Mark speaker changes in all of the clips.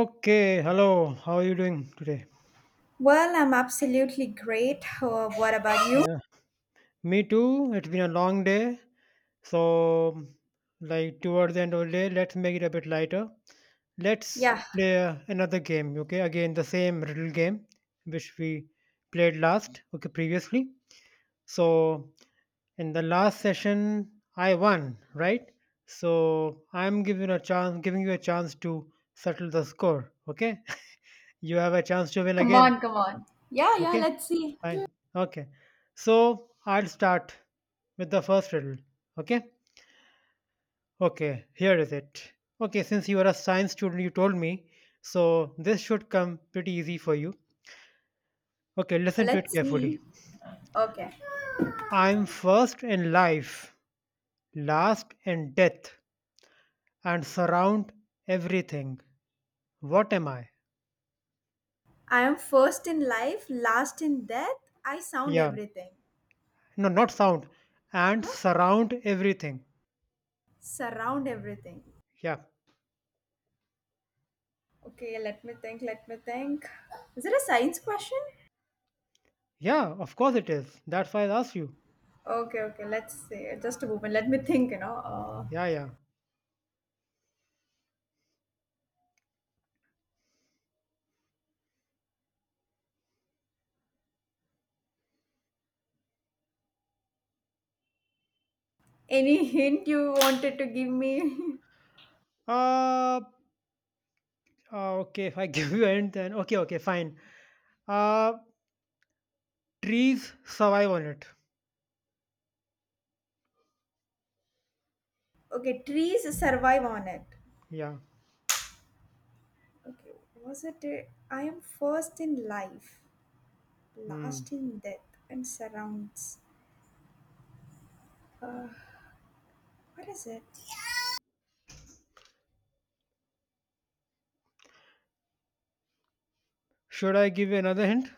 Speaker 1: Okay, hello. How are you doing today?
Speaker 2: Well, I'm absolutely great. What about you?
Speaker 1: Yeah. Me too. It's been a long day. So, like towards the end of the day, let's make it a bit lighter. Let's
Speaker 2: Yeah.
Speaker 1: play another game, okay? Again, the same riddle game which we played last, okay, previously. So, in the last session, I won, right? So, I'm giving a chance, giving you a chance to settle the score, okay? You have a chance to win
Speaker 2: Come
Speaker 1: again,
Speaker 2: on, come on. Yeah, yeah,
Speaker 1: okay?
Speaker 2: let's see.
Speaker 1: Fine. Okay. So I'll start with the first riddle. Okay. Okay. Here is it. Okay. Since you are a science student, you told me. So this should come pretty easy for you. Okay. Listen to it
Speaker 2: Let's
Speaker 1: carefully.
Speaker 2: see. Okay.
Speaker 1: I'm first in life, last in death, and surround everything. What am I?
Speaker 2: I am first in life, last in death. I sound
Speaker 1: Yeah.
Speaker 2: everything.
Speaker 1: No, not sound. And
Speaker 2: Huh?
Speaker 1: surround everything.
Speaker 2: Surround everything.
Speaker 1: Yeah.
Speaker 2: Okay, let me think. Is it a science question?
Speaker 1: Yeah. Of course it is. That's why I asked you.
Speaker 2: Okay, okay, let's see. Just a moment. Let me think, you know.
Speaker 1: Yeah.
Speaker 2: Any hint you wanted to give me?
Speaker 1: Yeah. Okay, if I give you a hint, then okay, okay, fine. Uh, Trees survive on it.
Speaker 2: Okay, trees survive on it.
Speaker 1: Yeah.
Speaker 2: Okay, was it? I am first in life,
Speaker 1: Hmm.
Speaker 2: last in death, and surrounds. What is it?
Speaker 1: Should I give you another hint?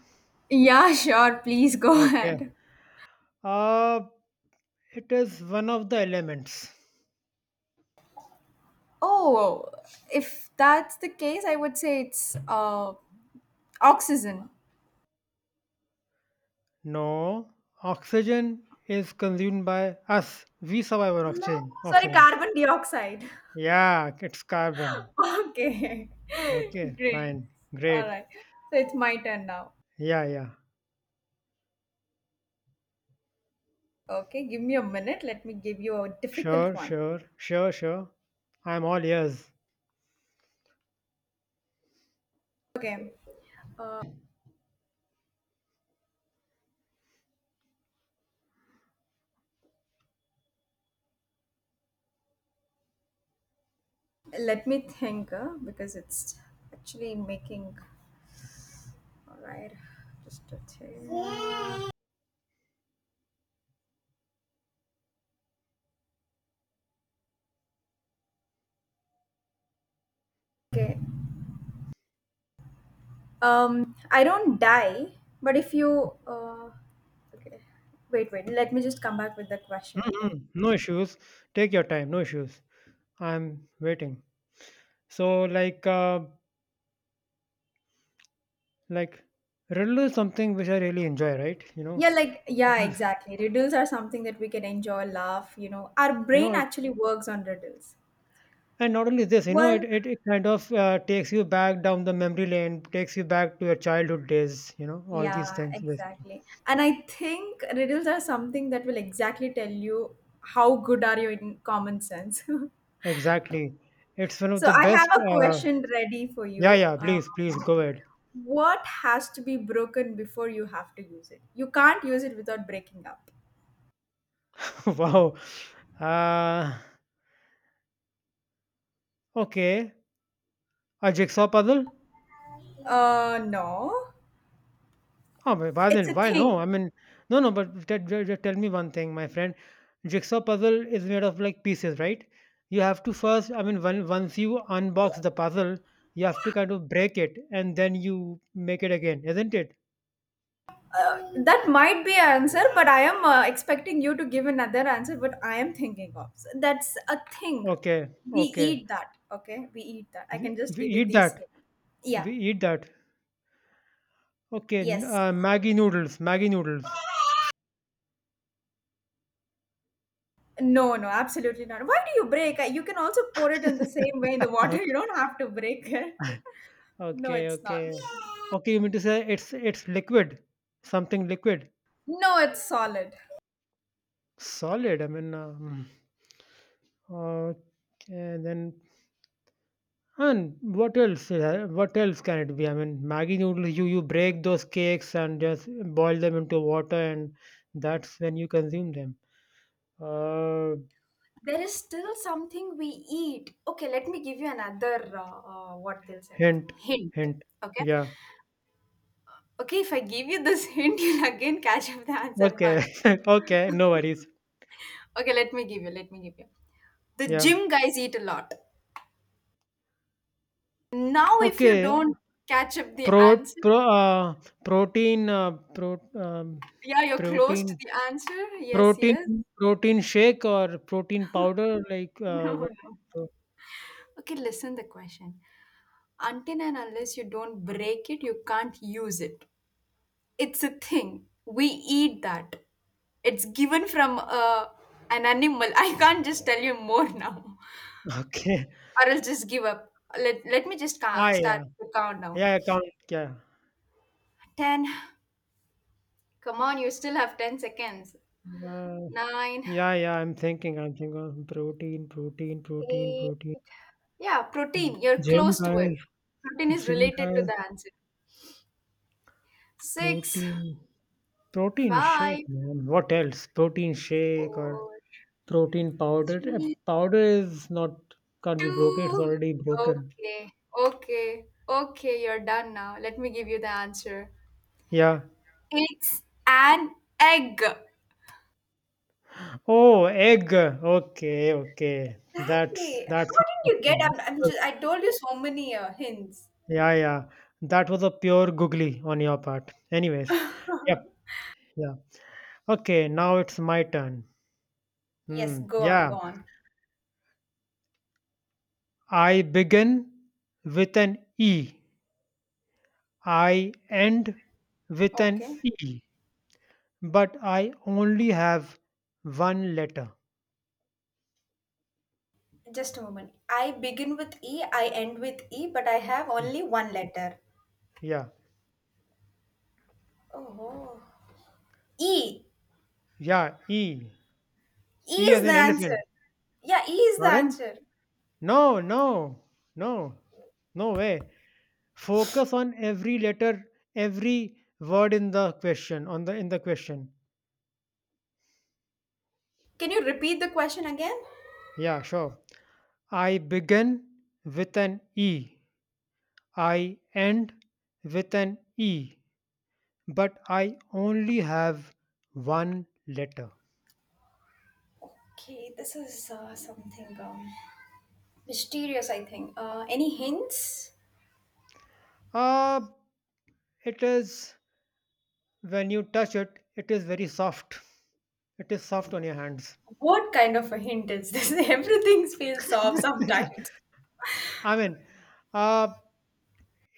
Speaker 2: Yeah, sure. Please go
Speaker 1: Okay.
Speaker 2: ahead.
Speaker 1: Uh, it is one of the elements.
Speaker 2: Oh, if that's the case, I would say it's oxygen.
Speaker 1: No, oxygen is consumed by us. We survive on oxygen.
Speaker 2: Sorry,
Speaker 1: Oxygen.
Speaker 2: carbon dioxide.
Speaker 1: Yeah, it's carbon.
Speaker 2: Okay.
Speaker 1: Okay,
Speaker 2: Great.
Speaker 1: fine,
Speaker 2: All
Speaker 1: great.
Speaker 2: right. So it's my turn now.
Speaker 1: Yeah, yeah.
Speaker 2: Okay, give me a minute. Let me give you a
Speaker 1: Sure,
Speaker 2: difficult one.
Speaker 1: sure, sure, sure. I'm all ears.
Speaker 2: Okay. Let me think because it's actually making. All right, just a thing. Okay. I don't die, but if you. Okay. Wait, wait. Let me just come back with the question. Okay.
Speaker 1: Hmm, no issues. Take your time. No issues. I'm waiting. So like like riddle is something which I really enjoy, right?
Speaker 2: Yeah, like yeah,
Speaker 1: Mhm.
Speaker 2: exactly. Riddles are something that we can enjoy, laugh. You know, our
Speaker 1: You know
Speaker 2: brain
Speaker 1: it.
Speaker 2: actually works on riddles.
Speaker 1: And not only this, you know,
Speaker 2: Well,
Speaker 1: it kind of takes you back down the memory lane, takes you back to your childhood days, you know, all these
Speaker 2: yeah,
Speaker 1: things basically.
Speaker 2: exactly. And I think riddles are something that will exactly tell you how good are you in common sense.
Speaker 1: Exactly. It's one of
Speaker 2: So
Speaker 1: the
Speaker 2: I have
Speaker 1: best.
Speaker 2: a question ready for
Speaker 1: Yeah,
Speaker 2: you.
Speaker 1: yeah, please, please go ahead.
Speaker 2: What has to be broken before you have to use it? You can't use it without breaking up.
Speaker 1: Wow. Uh, okay. A jigsaw puzzle?
Speaker 2: No,
Speaker 1: Oh, but why
Speaker 2: it's
Speaker 1: then?
Speaker 2: a
Speaker 1: Why
Speaker 2: thing.
Speaker 1: no? I mean, no, no. But tell me one thing, my friend. Jigsaw puzzle is made of like pieces, right? You have to first. I mean, when, once you unbox the puzzle, you have to kind of break it, and then you make it again, isn't it?
Speaker 2: That might be an answer, but I am expecting you to give another answer. But I am thinking of. So that's a thing.
Speaker 1: Okay,
Speaker 2: We
Speaker 1: okay.
Speaker 2: eat that. Okay, we eat that. I
Speaker 1: We,
Speaker 2: can just
Speaker 1: we
Speaker 2: give you
Speaker 1: eat
Speaker 2: these
Speaker 1: that.
Speaker 2: hints. Yeah.
Speaker 1: We eat that.
Speaker 2: Yes.
Speaker 1: Maggie noodles. Maggie noodles.
Speaker 2: No, no, absolutely not. Why do you break? You can also pour it in the same way in the water. You
Speaker 1: Okay,
Speaker 2: don't have to break it. No,
Speaker 1: okay,
Speaker 2: it's not.
Speaker 1: okay. Okay, you mean to say it's liquid, something liquid,
Speaker 2: No, it's solid.
Speaker 1: solid. I mean. Okay, then and what else? What else can it be? I mean, Maggi noodles. You break those cakes and just boil them into water, and that's when you consume them. Uh,
Speaker 2: There is still something we eat. Okay, let me give you another what they'll say
Speaker 1: hint,
Speaker 2: hint.
Speaker 1: hint.
Speaker 2: Okay,
Speaker 1: Yeah.
Speaker 2: okay. If I give you this hint, you'll again catch up the answer.
Speaker 1: Okay.
Speaker 2: But
Speaker 1: Okay. No worries.
Speaker 2: okay, let me give you. The
Speaker 1: Yeah.
Speaker 2: gym guys eat a lot. Now, if you
Speaker 1: Okay.
Speaker 2: don't catch up the
Speaker 1: Pro
Speaker 2: answer,
Speaker 1: pro uh, protein uh, pro um,
Speaker 2: yeah, you're close
Speaker 1: Protein
Speaker 2: to the answer. Yes,
Speaker 1: protein
Speaker 2: yes.
Speaker 1: protein shake or protein powder like
Speaker 2: No,
Speaker 1: what?
Speaker 2: no. Okay, listen the question. Until and unless you don't break it, you can't use it. It's a thing. We eat that. It's given from an animal. I can't just tell you more now,
Speaker 1: Okay.
Speaker 2: or I'll just give up. Let me just
Speaker 1: Ah,
Speaker 2: start
Speaker 1: yeah.
Speaker 2: the countdown.
Speaker 1: Yeah, account?
Speaker 2: 10. Come on, you still have 10 seconds.
Speaker 1: Yeah.
Speaker 2: 9,
Speaker 1: Yeah, yeah. I'm thinking. I'm thinking of protein, protein, protein,
Speaker 2: 8.
Speaker 1: protein.
Speaker 2: Yeah, protein. You're
Speaker 1: Gym
Speaker 2: close to it.
Speaker 1: guys,
Speaker 2: Protein is
Speaker 1: gym
Speaker 2: related to
Speaker 1: guys,
Speaker 2: the answer. 6,
Speaker 1: protein, protein shake,
Speaker 2: 5,
Speaker 1: man. What else? Protein shake or
Speaker 2: 4,
Speaker 1: protein powder?
Speaker 2: 3,
Speaker 1: Powder is not, can't be broken. It's
Speaker 2: 2.
Speaker 1: already broken.
Speaker 2: Okay, okay, okay, you're done now. Let me give you the answer.
Speaker 1: Yeah.
Speaker 2: It's an egg.
Speaker 1: Oh, egg. Okay, okay.
Speaker 2: Exactly.
Speaker 1: That's,
Speaker 2: How
Speaker 1: what
Speaker 2: did you get?
Speaker 1: happened.
Speaker 2: I'm,
Speaker 1: That
Speaker 2: I'm
Speaker 1: was,
Speaker 2: just, I told you so many hints.
Speaker 1: yeah, yeah. That was a pure googly on your part. Anyways. Yep. Yeah. Okay, now it's my turn.
Speaker 2: Yes,
Speaker 1: Hmm,
Speaker 2: go on,
Speaker 1: yeah,
Speaker 2: go on.
Speaker 1: I begin with an E. I end with an
Speaker 2: Okay.
Speaker 1: E, but I only have one letter.
Speaker 2: Just a moment. I begin with E, I end with E, but I have
Speaker 1: Yeah,
Speaker 2: only one letter.
Speaker 1: yeah,
Speaker 2: Oh. E.
Speaker 1: yeah. E,
Speaker 2: E
Speaker 1: E as
Speaker 2: is the
Speaker 1: in elephant.
Speaker 2: answer. Yeah, E is the
Speaker 1: Pardon?
Speaker 2: answer.
Speaker 1: No, no, no, no way. Focus on every letter, every word in the question. On the in the question.
Speaker 2: Can you repeat the question again?
Speaker 1: Yeah, sure. I begin with an E. I end with an E, but I only have one letter.
Speaker 2: Okay, this is something mysterious, I think. Any hints?
Speaker 1: Ah, it is when you touch it, it is very soft. It is soft on your hands.
Speaker 2: What kind of a hint is this? Everything feels off sometimes.
Speaker 1: I mean, uh,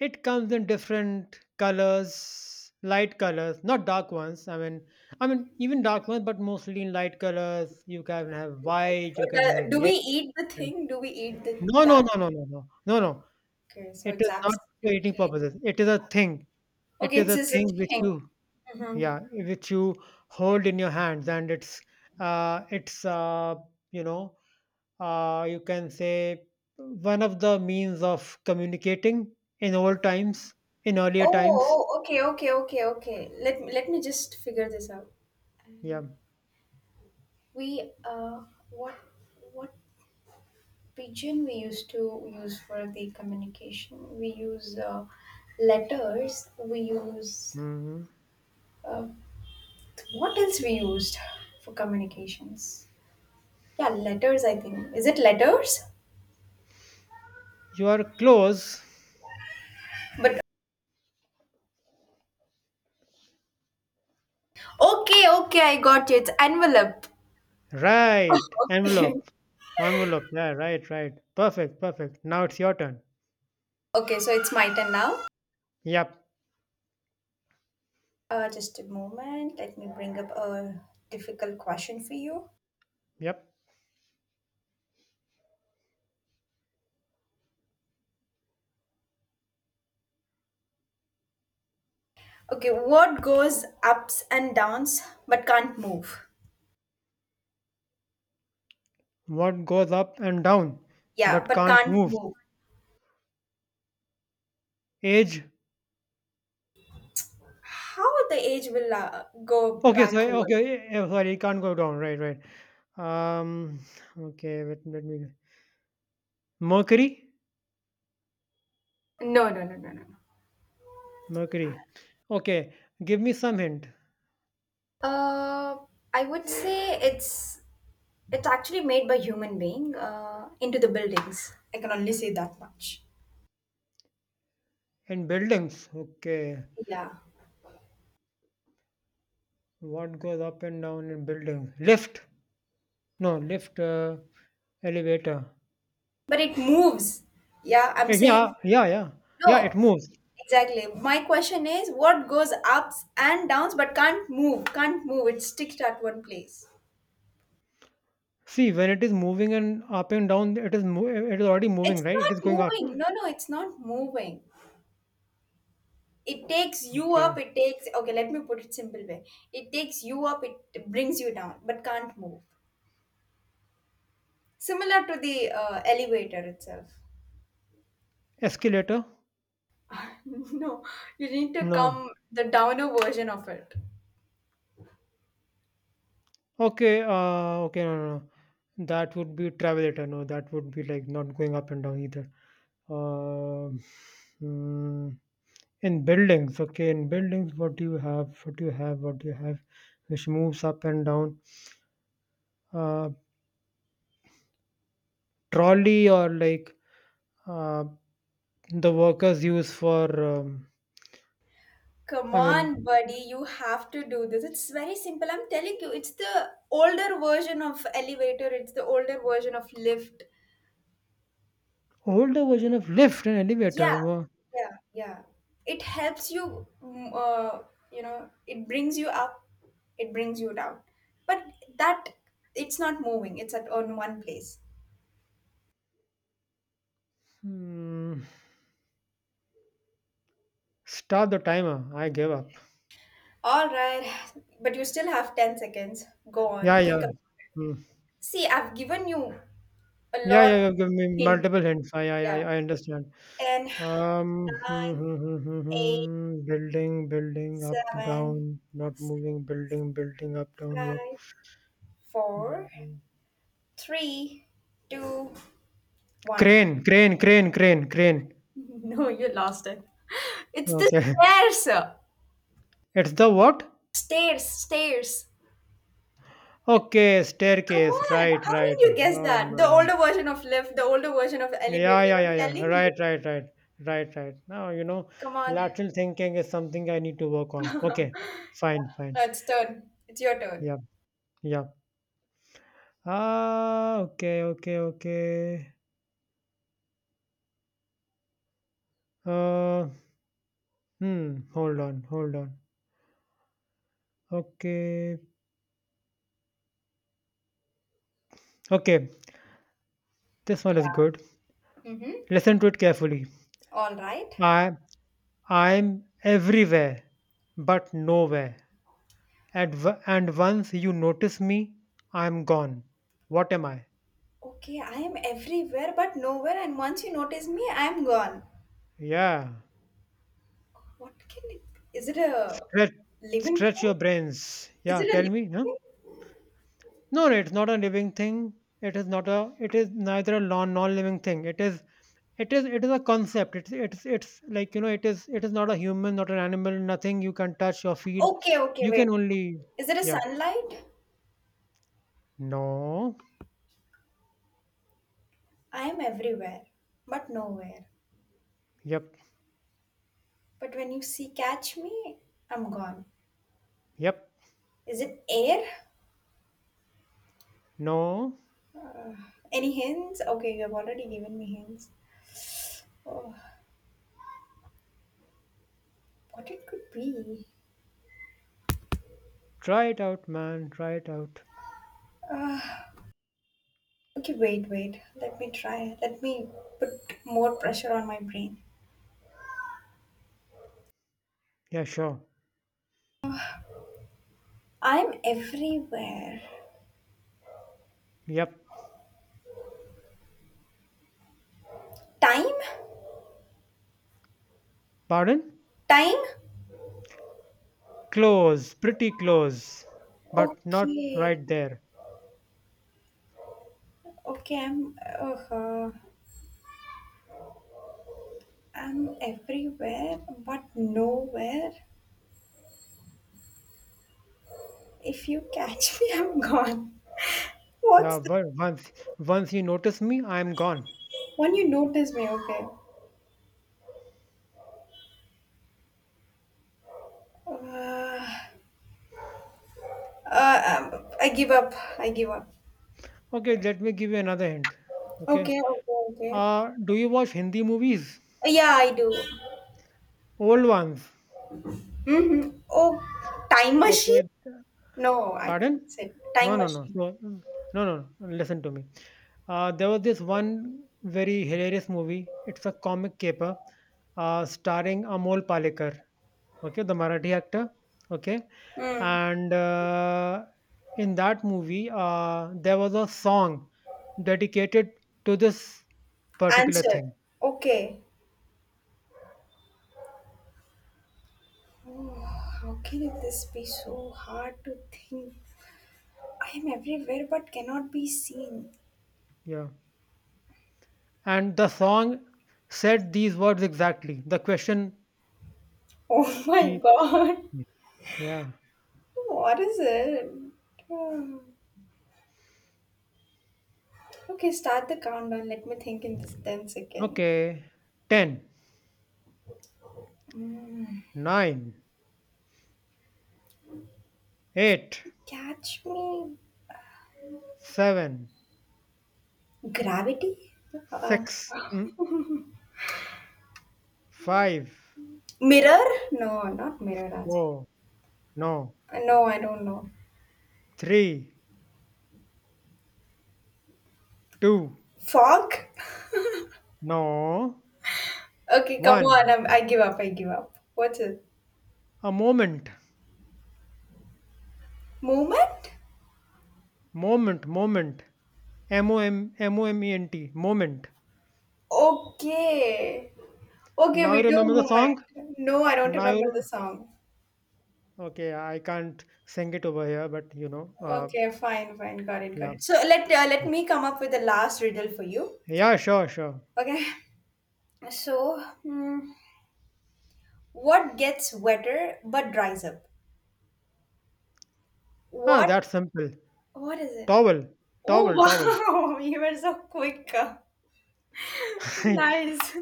Speaker 1: it comes in different colors, light colors, not dark ones. I mean even dark ones, but mostly in light colors. You can have
Speaker 2: Okay.
Speaker 1: white, you can have
Speaker 2: Do
Speaker 1: yellow.
Speaker 2: we eat the thing? Do we eat the,
Speaker 1: No, no,
Speaker 2: that?
Speaker 1: no, no, no, no, no, no.
Speaker 2: Okay, so
Speaker 1: It
Speaker 2: it's
Speaker 1: is not for eating
Speaker 2: absolutely.
Speaker 1: purposes. It is a thing. It
Speaker 2: Okay,
Speaker 1: is
Speaker 2: it's
Speaker 1: a
Speaker 2: just a
Speaker 1: thing which
Speaker 2: thing.
Speaker 1: you,
Speaker 2: hmm
Speaker 1: yeah, which you hold in your hands, and uh, it's, uh, you know, you can say one of the means of communicating in old times, in earlier
Speaker 2: Oh,
Speaker 1: times.
Speaker 2: oh, okay, okay, okay, okay. Let me just figure this out.
Speaker 1: Yeah.
Speaker 2: Um, We uh, what what pigeon we used to use for the communication. We use letters. We use
Speaker 1: Hmm,
Speaker 2: uh, what else we used for communications? Yeah, letters. I think is it letters?
Speaker 1: you are close.
Speaker 2: But okay, okay, I got you. It's envelope.
Speaker 1: Right.
Speaker 2: Okay.
Speaker 1: Envelope. Envelope. Yeah. Right. Right. Perfect. Perfect. Now it's your turn.
Speaker 2: Okay, so it's my turn now.
Speaker 1: Yep.
Speaker 2: Just a moment. Let me bring up a difficult question for you.
Speaker 1: Yep.
Speaker 2: Okay, what goes ups and downs but can't move?
Speaker 1: What goes up and down,
Speaker 2: Yeah,
Speaker 1: but
Speaker 2: but
Speaker 1: can't
Speaker 2: can't
Speaker 1: move?
Speaker 2: move.
Speaker 1: Age?
Speaker 2: How the age will go
Speaker 1: Okay, sorry,
Speaker 2: backward?
Speaker 1: okay, sorry, it can't go down. Right, right. Um, okay, let me. Mercury?
Speaker 2: No, no, no, no, no, no.
Speaker 1: Mercury. Okay, give me some hint.
Speaker 2: Uh, I would say it's actually made by human being into the buildings. I can only say that much.
Speaker 1: In buildings, okay.
Speaker 2: Yeah.
Speaker 1: What goes up and down in buildings? Lift? No, lift, elevator.
Speaker 2: But it moves. Yeah, I'm
Speaker 1: Eh, yeah,
Speaker 2: saying
Speaker 1: yeah, yeah. Yeah, it
Speaker 2: no.
Speaker 1: moves.
Speaker 2: Exactly. My question is what goes ups and downs but can't move, can't move. It's sticked at one place.
Speaker 1: See, when it is moving and up and down, it is already moving,
Speaker 2: It's
Speaker 1: right? It
Speaker 2: not
Speaker 1: is going up.
Speaker 2: moving. No, no, it's not moving. It takes you
Speaker 1: Okay.
Speaker 2: up, it takes. Okay, let me put it simple way. It takes you up, it brings you down, but can't move, similar to the elevator itself.
Speaker 1: Escalator?
Speaker 2: No, you need to
Speaker 1: No.
Speaker 2: come the downer version of it.
Speaker 1: Okay, okay, no, no, no. That would be travelator. No, that would be like not going up and down either. Um, mm, in buildings, okay, in buildings, what do you have? What do you have? What do you have? Which moves up and down. Uh, trolley or like uh, the workers use for. Um,
Speaker 2: Come
Speaker 1: I mean,
Speaker 2: on, buddy, you have to do this. It's very simple, I'm telling you. It's the older version of elevator, it's the older version of lift.
Speaker 1: older version of lift and
Speaker 2: Yeah,
Speaker 1: elevator. Wow.
Speaker 2: yeah, yeah. It helps you, you know, it brings you up, it brings you down. But that, it's not moving, it's at on one place.
Speaker 1: Hmm. Start the timer. I give up.
Speaker 2: All right, but you still have 10 seconds. Go on,
Speaker 1: Yeah, yeah.
Speaker 2: think about.
Speaker 1: Hmm.
Speaker 2: See, I've given you a
Speaker 1: Yeah,
Speaker 2: lot
Speaker 1: yeah, you have given me
Speaker 2: hint.
Speaker 1: multiple hints.
Speaker 2: Yeah.
Speaker 1: I understand.
Speaker 2: 10, 9,
Speaker 1: Hmm, hmm, hmm, hmm,
Speaker 2: eight,
Speaker 1: hmm. Building, building, up,
Speaker 2: seven,
Speaker 1: down, not
Speaker 2: six,
Speaker 1: moving, building, building, up, down, what?
Speaker 2: five, four,
Speaker 1: Building.
Speaker 2: three, two, one.
Speaker 1: Crane, crane, crane, crane, crane.
Speaker 2: No, you lost it. It's the
Speaker 1: Okay.
Speaker 2: stairs.
Speaker 1: It's the what?
Speaker 2: Stairs, stairs.
Speaker 1: Okay,
Speaker 2: Come
Speaker 1: staircase.
Speaker 2: on.
Speaker 1: Right,
Speaker 2: How
Speaker 1: right.
Speaker 2: did you guess
Speaker 1: Oh,
Speaker 2: that? The
Speaker 1: man.
Speaker 2: older version of lift, the older version of
Speaker 1: Yeah,
Speaker 2: elevator.
Speaker 1: yeah, yeah,
Speaker 2: I'm
Speaker 1: yeah.
Speaker 2: telling
Speaker 1: Right,
Speaker 2: you.
Speaker 1: right, right. Right, right. Now, you know,
Speaker 2: Come on.
Speaker 1: lateral thinking is something I need to work on. Okay, fine,
Speaker 2: Now
Speaker 1: fine.
Speaker 2: it's turn. It's your turn.
Speaker 1: Yeah, yeah. Ah, okay, okay, okay. Uh, hmm, hold on, hold on. Okay. Okay, this one is good.
Speaker 2: Mm-hmm.
Speaker 1: Listen to it carefully.
Speaker 2: All right.
Speaker 1: I I'm everywhere but nowhere. And once you notice me, I'm gone. What am I?
Speaker 2: Okay, I am everywhere but nowhere, and once you notice me, I am gone.
Speaker 1: Yeah.
Speaker 2: What can it be? Is it a
Speaker 1: Stretch
Speaker 2: living
Speaker 1: Stretch
Speaker 2: thing?
Speaker 1: your brains.
Speaker 2: Is
Speaker 1: Yeah,
Speaker 2: it a
Speaker 1: tell
Speaker 2: living
Speaker 1: me, huh?
Speaker 2: thing?
Speaker 1: No, no, it's not a living thing. It is not a it is neither a non living thing. It is it is a concept, it's like you know it is not a human, not an animal, nothing you can touch or feel,
Speaker 2: Okay, okay,
Speaker 1: you
Speaker 2: wait.
Speaker 1: can only
Speaker 2: Is it a
Speaker 1: yeah,
Speaker 2: sunlight?
Speaker 1: no,
Speaker 2: I am everywhere but nowhere.
Speaker 1: yep,
Speaker 2: But when you see catch me, I'm gone.
Speaker 1: yep,
Speaker 2: Is it air?
Speaker 1: no,
Speaker 2: Uh, any hints? Okay, you have already given me hints. Oh, what it could be?
Speaker 1: try it out man, try it out,
Speaker 2: Okay, wait, wait. Let me try. Let me put more pressure on my brain.
Speaker 1: yeah sure,
Speaker 2: I'm everywhere.
Speaker 1: yep,
Speaker 2: Time?
Speaker 1: pardon,
Speaker 2: Time?
Speaker 1: close, pretty close, but not
Speaker 2: Okay.
Speaker 1: right there,
Speaker 2: Okay, I'm. I'm everywhere, but nowhere. If you catch me, I'm gone.
Speaker 1: yeah,
Speaker 2: What's the
Speaker 1: once you notice me, I'm gone.
Speaker 2: one you notice me? Okay. Uh, I give up. I give up.
Speaker 1: Okay, let me give you another hint. Okay,
Speaker 2: Okay, okay, okay.
Speaker 1: do you watch Hindi movies,
Speaker 2: Yeah, I do.
Speaker 1: old ones?
Speaker 2: Mm-hmm. Oh, time
Speaker 1: Okay.
Speaker 2: machine? No, I
Speaker 1: Pardon?
Speaker 2: can't say
Speaker 1: No,
Speaker 2: time
Speaker 1: no, no.
Speaker 2: machine.
Speaker 1: So, mm, no, no, no. Listen to me. There was this one very hilarious movie. It's a comic caper starring Amol Palekar, okay, the Marathi actor, okay.
Speaker 2: Mm.
Speaker 1: And in that movie, there was a song dedicated to this particular
Speaker 2: Answer.
Speaker 1: thing.
Speaker 2: Okay. How can this be so hard to think? I am everywhere but cannot be seen.
Speaker 1: Yeah. And the song said these words exactly. The question
Speaker 2: Oh, my
Speaker 1: he,
Speaker 2: God.
Speaker 1: yeah.
Speaker 2: What is it? Hmm. Okay, start the countdown. Let me think in this 10 seconds.
Speaker 1: Okay. 10,
Speaker 2: Mm.
Speaker 1: 9, eight,
Speaker 2: Catch me.
Speaker 1: seven,
Speaker 2: Gravity? Uh,
Speaker 1: six, mm, five,
Speaker 2: mirror? No, not mirror as
Speaker 1: four, no,
Speaker 2: well. No, I don't know.
Speaker 1: three, two,
Speaker 2: Fog?
Speaker 1: no,
Speaker 2: Okay, come on.
Speaker 1: one.
Speaker 2: I'm, I give up. I give up. What's it?
Speaker 1: A moment,
Speaker 2: Movement?
Speaker 1: moment, moment. M O M M O M E N T, moment.
Speaker 2: Okay. Okay,
Speaker 1: Now you
Speaker 2: we do
Speaker 1: remember the song?
Speaker 2: movement. No, I don't
Speaker 1: Now
Speaker 2: remember the
Speaker 1: you
Speaker 2: song.
Speaker 1: okay. I can't sing it over here, but you know,
Speaker 2: Okay, fine, fine. Got it, got
Speaker 1: yeah,
Speaker 2: it. So let let me come up with the last riddle for you.
Speaker 1: yeah, sure, sure.
Speaker 2: Okay. So, hmm, what gets wetter but dries up?
Speaker 1: Ah,
Speaker 2: What?
Speaker 1: that's simple.
Speaker 2: What is it?
Speaker 1: Towel,
Speaker 2: Oh,
Speaker 1: towel, towel.
Speaker 2: wow, you were so quick. Nice.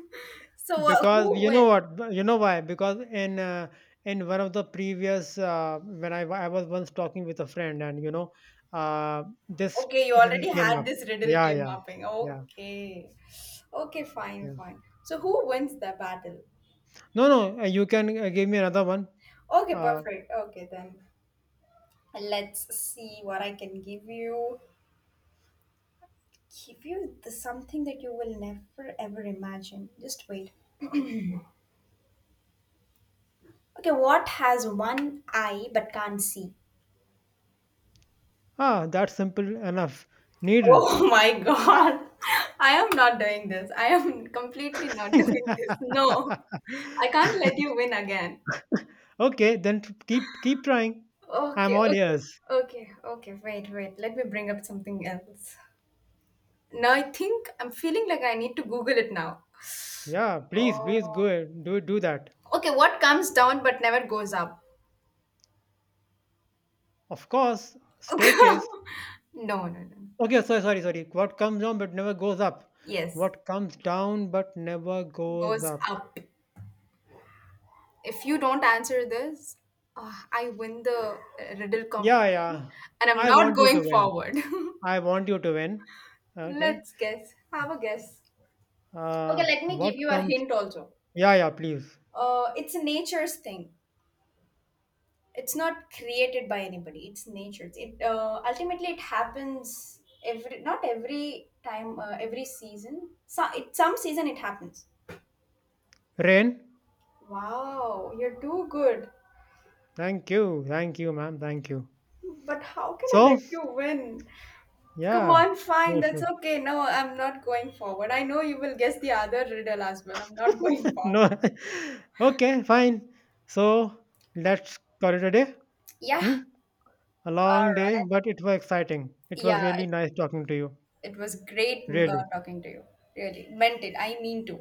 Speaker 2: So
Speaker 1: Because
Speaker 2: who
Speaker 1: you
Speaker 2: wins?
Speaker 1: know what, you know why, because in one of the previous when I was once talking with a friend and you know uh, this
Speaker 2: Okay, you
Speaker 1: riddle
Speaker 2: already
Speaker 1: came
Speaker 2: had
Speaker 1: up,
Speaker 2: this riddle
Speaker 1: yeah,
Speaker 2: game
Speaker 1: yeah,
Speaker 2: mapping.
Speaker 1: yeah,
Speaker 2: Okay. Okay, fine,
Speaker 1: yeah,
Speaker 2: fine. So who wins the battle?
Speaker 1: no, no, you can give me another one.
Speaker 2: Okay,
Speaker 1: uh,
Speaker 2: perfect. Okay, then let's see what I can give you. Give you the, something that you will never ever imagine. Just wait. Okay, what has one eye but can't see?
Speaker 1: ah, that's simple enough. Needle.
Speaker 2: Oh, my God. I am not doing this. I am completely not doing this. No, I can't let you win again.
Speaker 1: Okay, then keep keep trying, I'm
Speaker 2: Okay,
Speaker 1: all
Speaker 2: okay,
Speaker 1: ears.
Speaker 2: okay, okay. Wait, wait. Let me bring up something else. Now I think I'm feeling like I need to Google it now.
Speaker 1: Yeah, please, please go
Speaker 2: Oh.
Speaker 1: ahead, do do that.
Speaker 2: Okay, what comes down but never goes up?
Speaker 1: Of course, staircase.
Speaker 2: No, no, no.
Speaker 1: Okay, so sorry, sorry. What comes down but never goes up.
Speaker 2: Yes,
Speaker 1: What comes down but never goes
Speaker 2: goes
Speaker 1: up.
Speaker 2: up. If you don't answer this, I win the riddle
Speaker 1: Yeah,
Speaker 2: competition
Speaker 1: yeah.
Speaker 2: and I'm
Speaker 1: I
Speaker 2: not
Speaker 1: want you
Speaker 2: going
Speaker 1: to win.
Speaker 2: forward.
Speaker 1: I want you to win. Okay.
Speaker 2: Let's guess. Have a guess. Okay, let me
Speaker 1: What
Speaker 2: give you a
Speaker 1: comes?
Speaker 2: hint also.
Speaker 1: Yeah, yeah. Please,
Speaker 2: It's nature's thing. It's not created by anybody. It's nature's. It ultimately it happens every not every time every season. So it some season it happens.
Speaker 1: rain.
Speaker 2: Wow, you're too good.
Speaker 1: Thank you, ma'am. Thank you.
Speaker 2: But how can I
Speaker 1: So,
Speaker 2: let you win? Come
Speaker 1: yeah.
Speaker 2: on,
Speaker 1: No
Speaker 2: fine. That's
Speaker 1: issue.
Speaker 2: okay. No, I'm not going forward. I know you will guess the other riddle as well. I'm not going
Speaker 1: No.
Speaker 2: forward.
Speaker 1: Okay, fine. So let's call it a day.
Speaker 2: Yeah.
Speaker 1: Hmm? A
Speaker 2: All
Speaker 1: long day,
Speaker 2: right.
Speaker 1: but it was exciting. It was
Speaker 2: Yeah.
Speaker 1: really
Speaker 2: It,
Speaker 1: nice talking to you.
Speaker 2: it was great
Speaker 1: Really.
Speaker 2: talking to you. Really. Meant it. I mean to.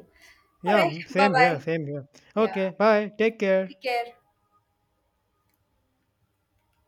Speaker 2: All
Speaker 1: Yeah,
Speaker 2: right. Bye
Speaker 1: same
Speaker 2: bye.
Speaker 1: here, same here.
Speaker 2: Yeah.
Speaker 1: Okay, bye. Take care.
Speaker 2: Take care.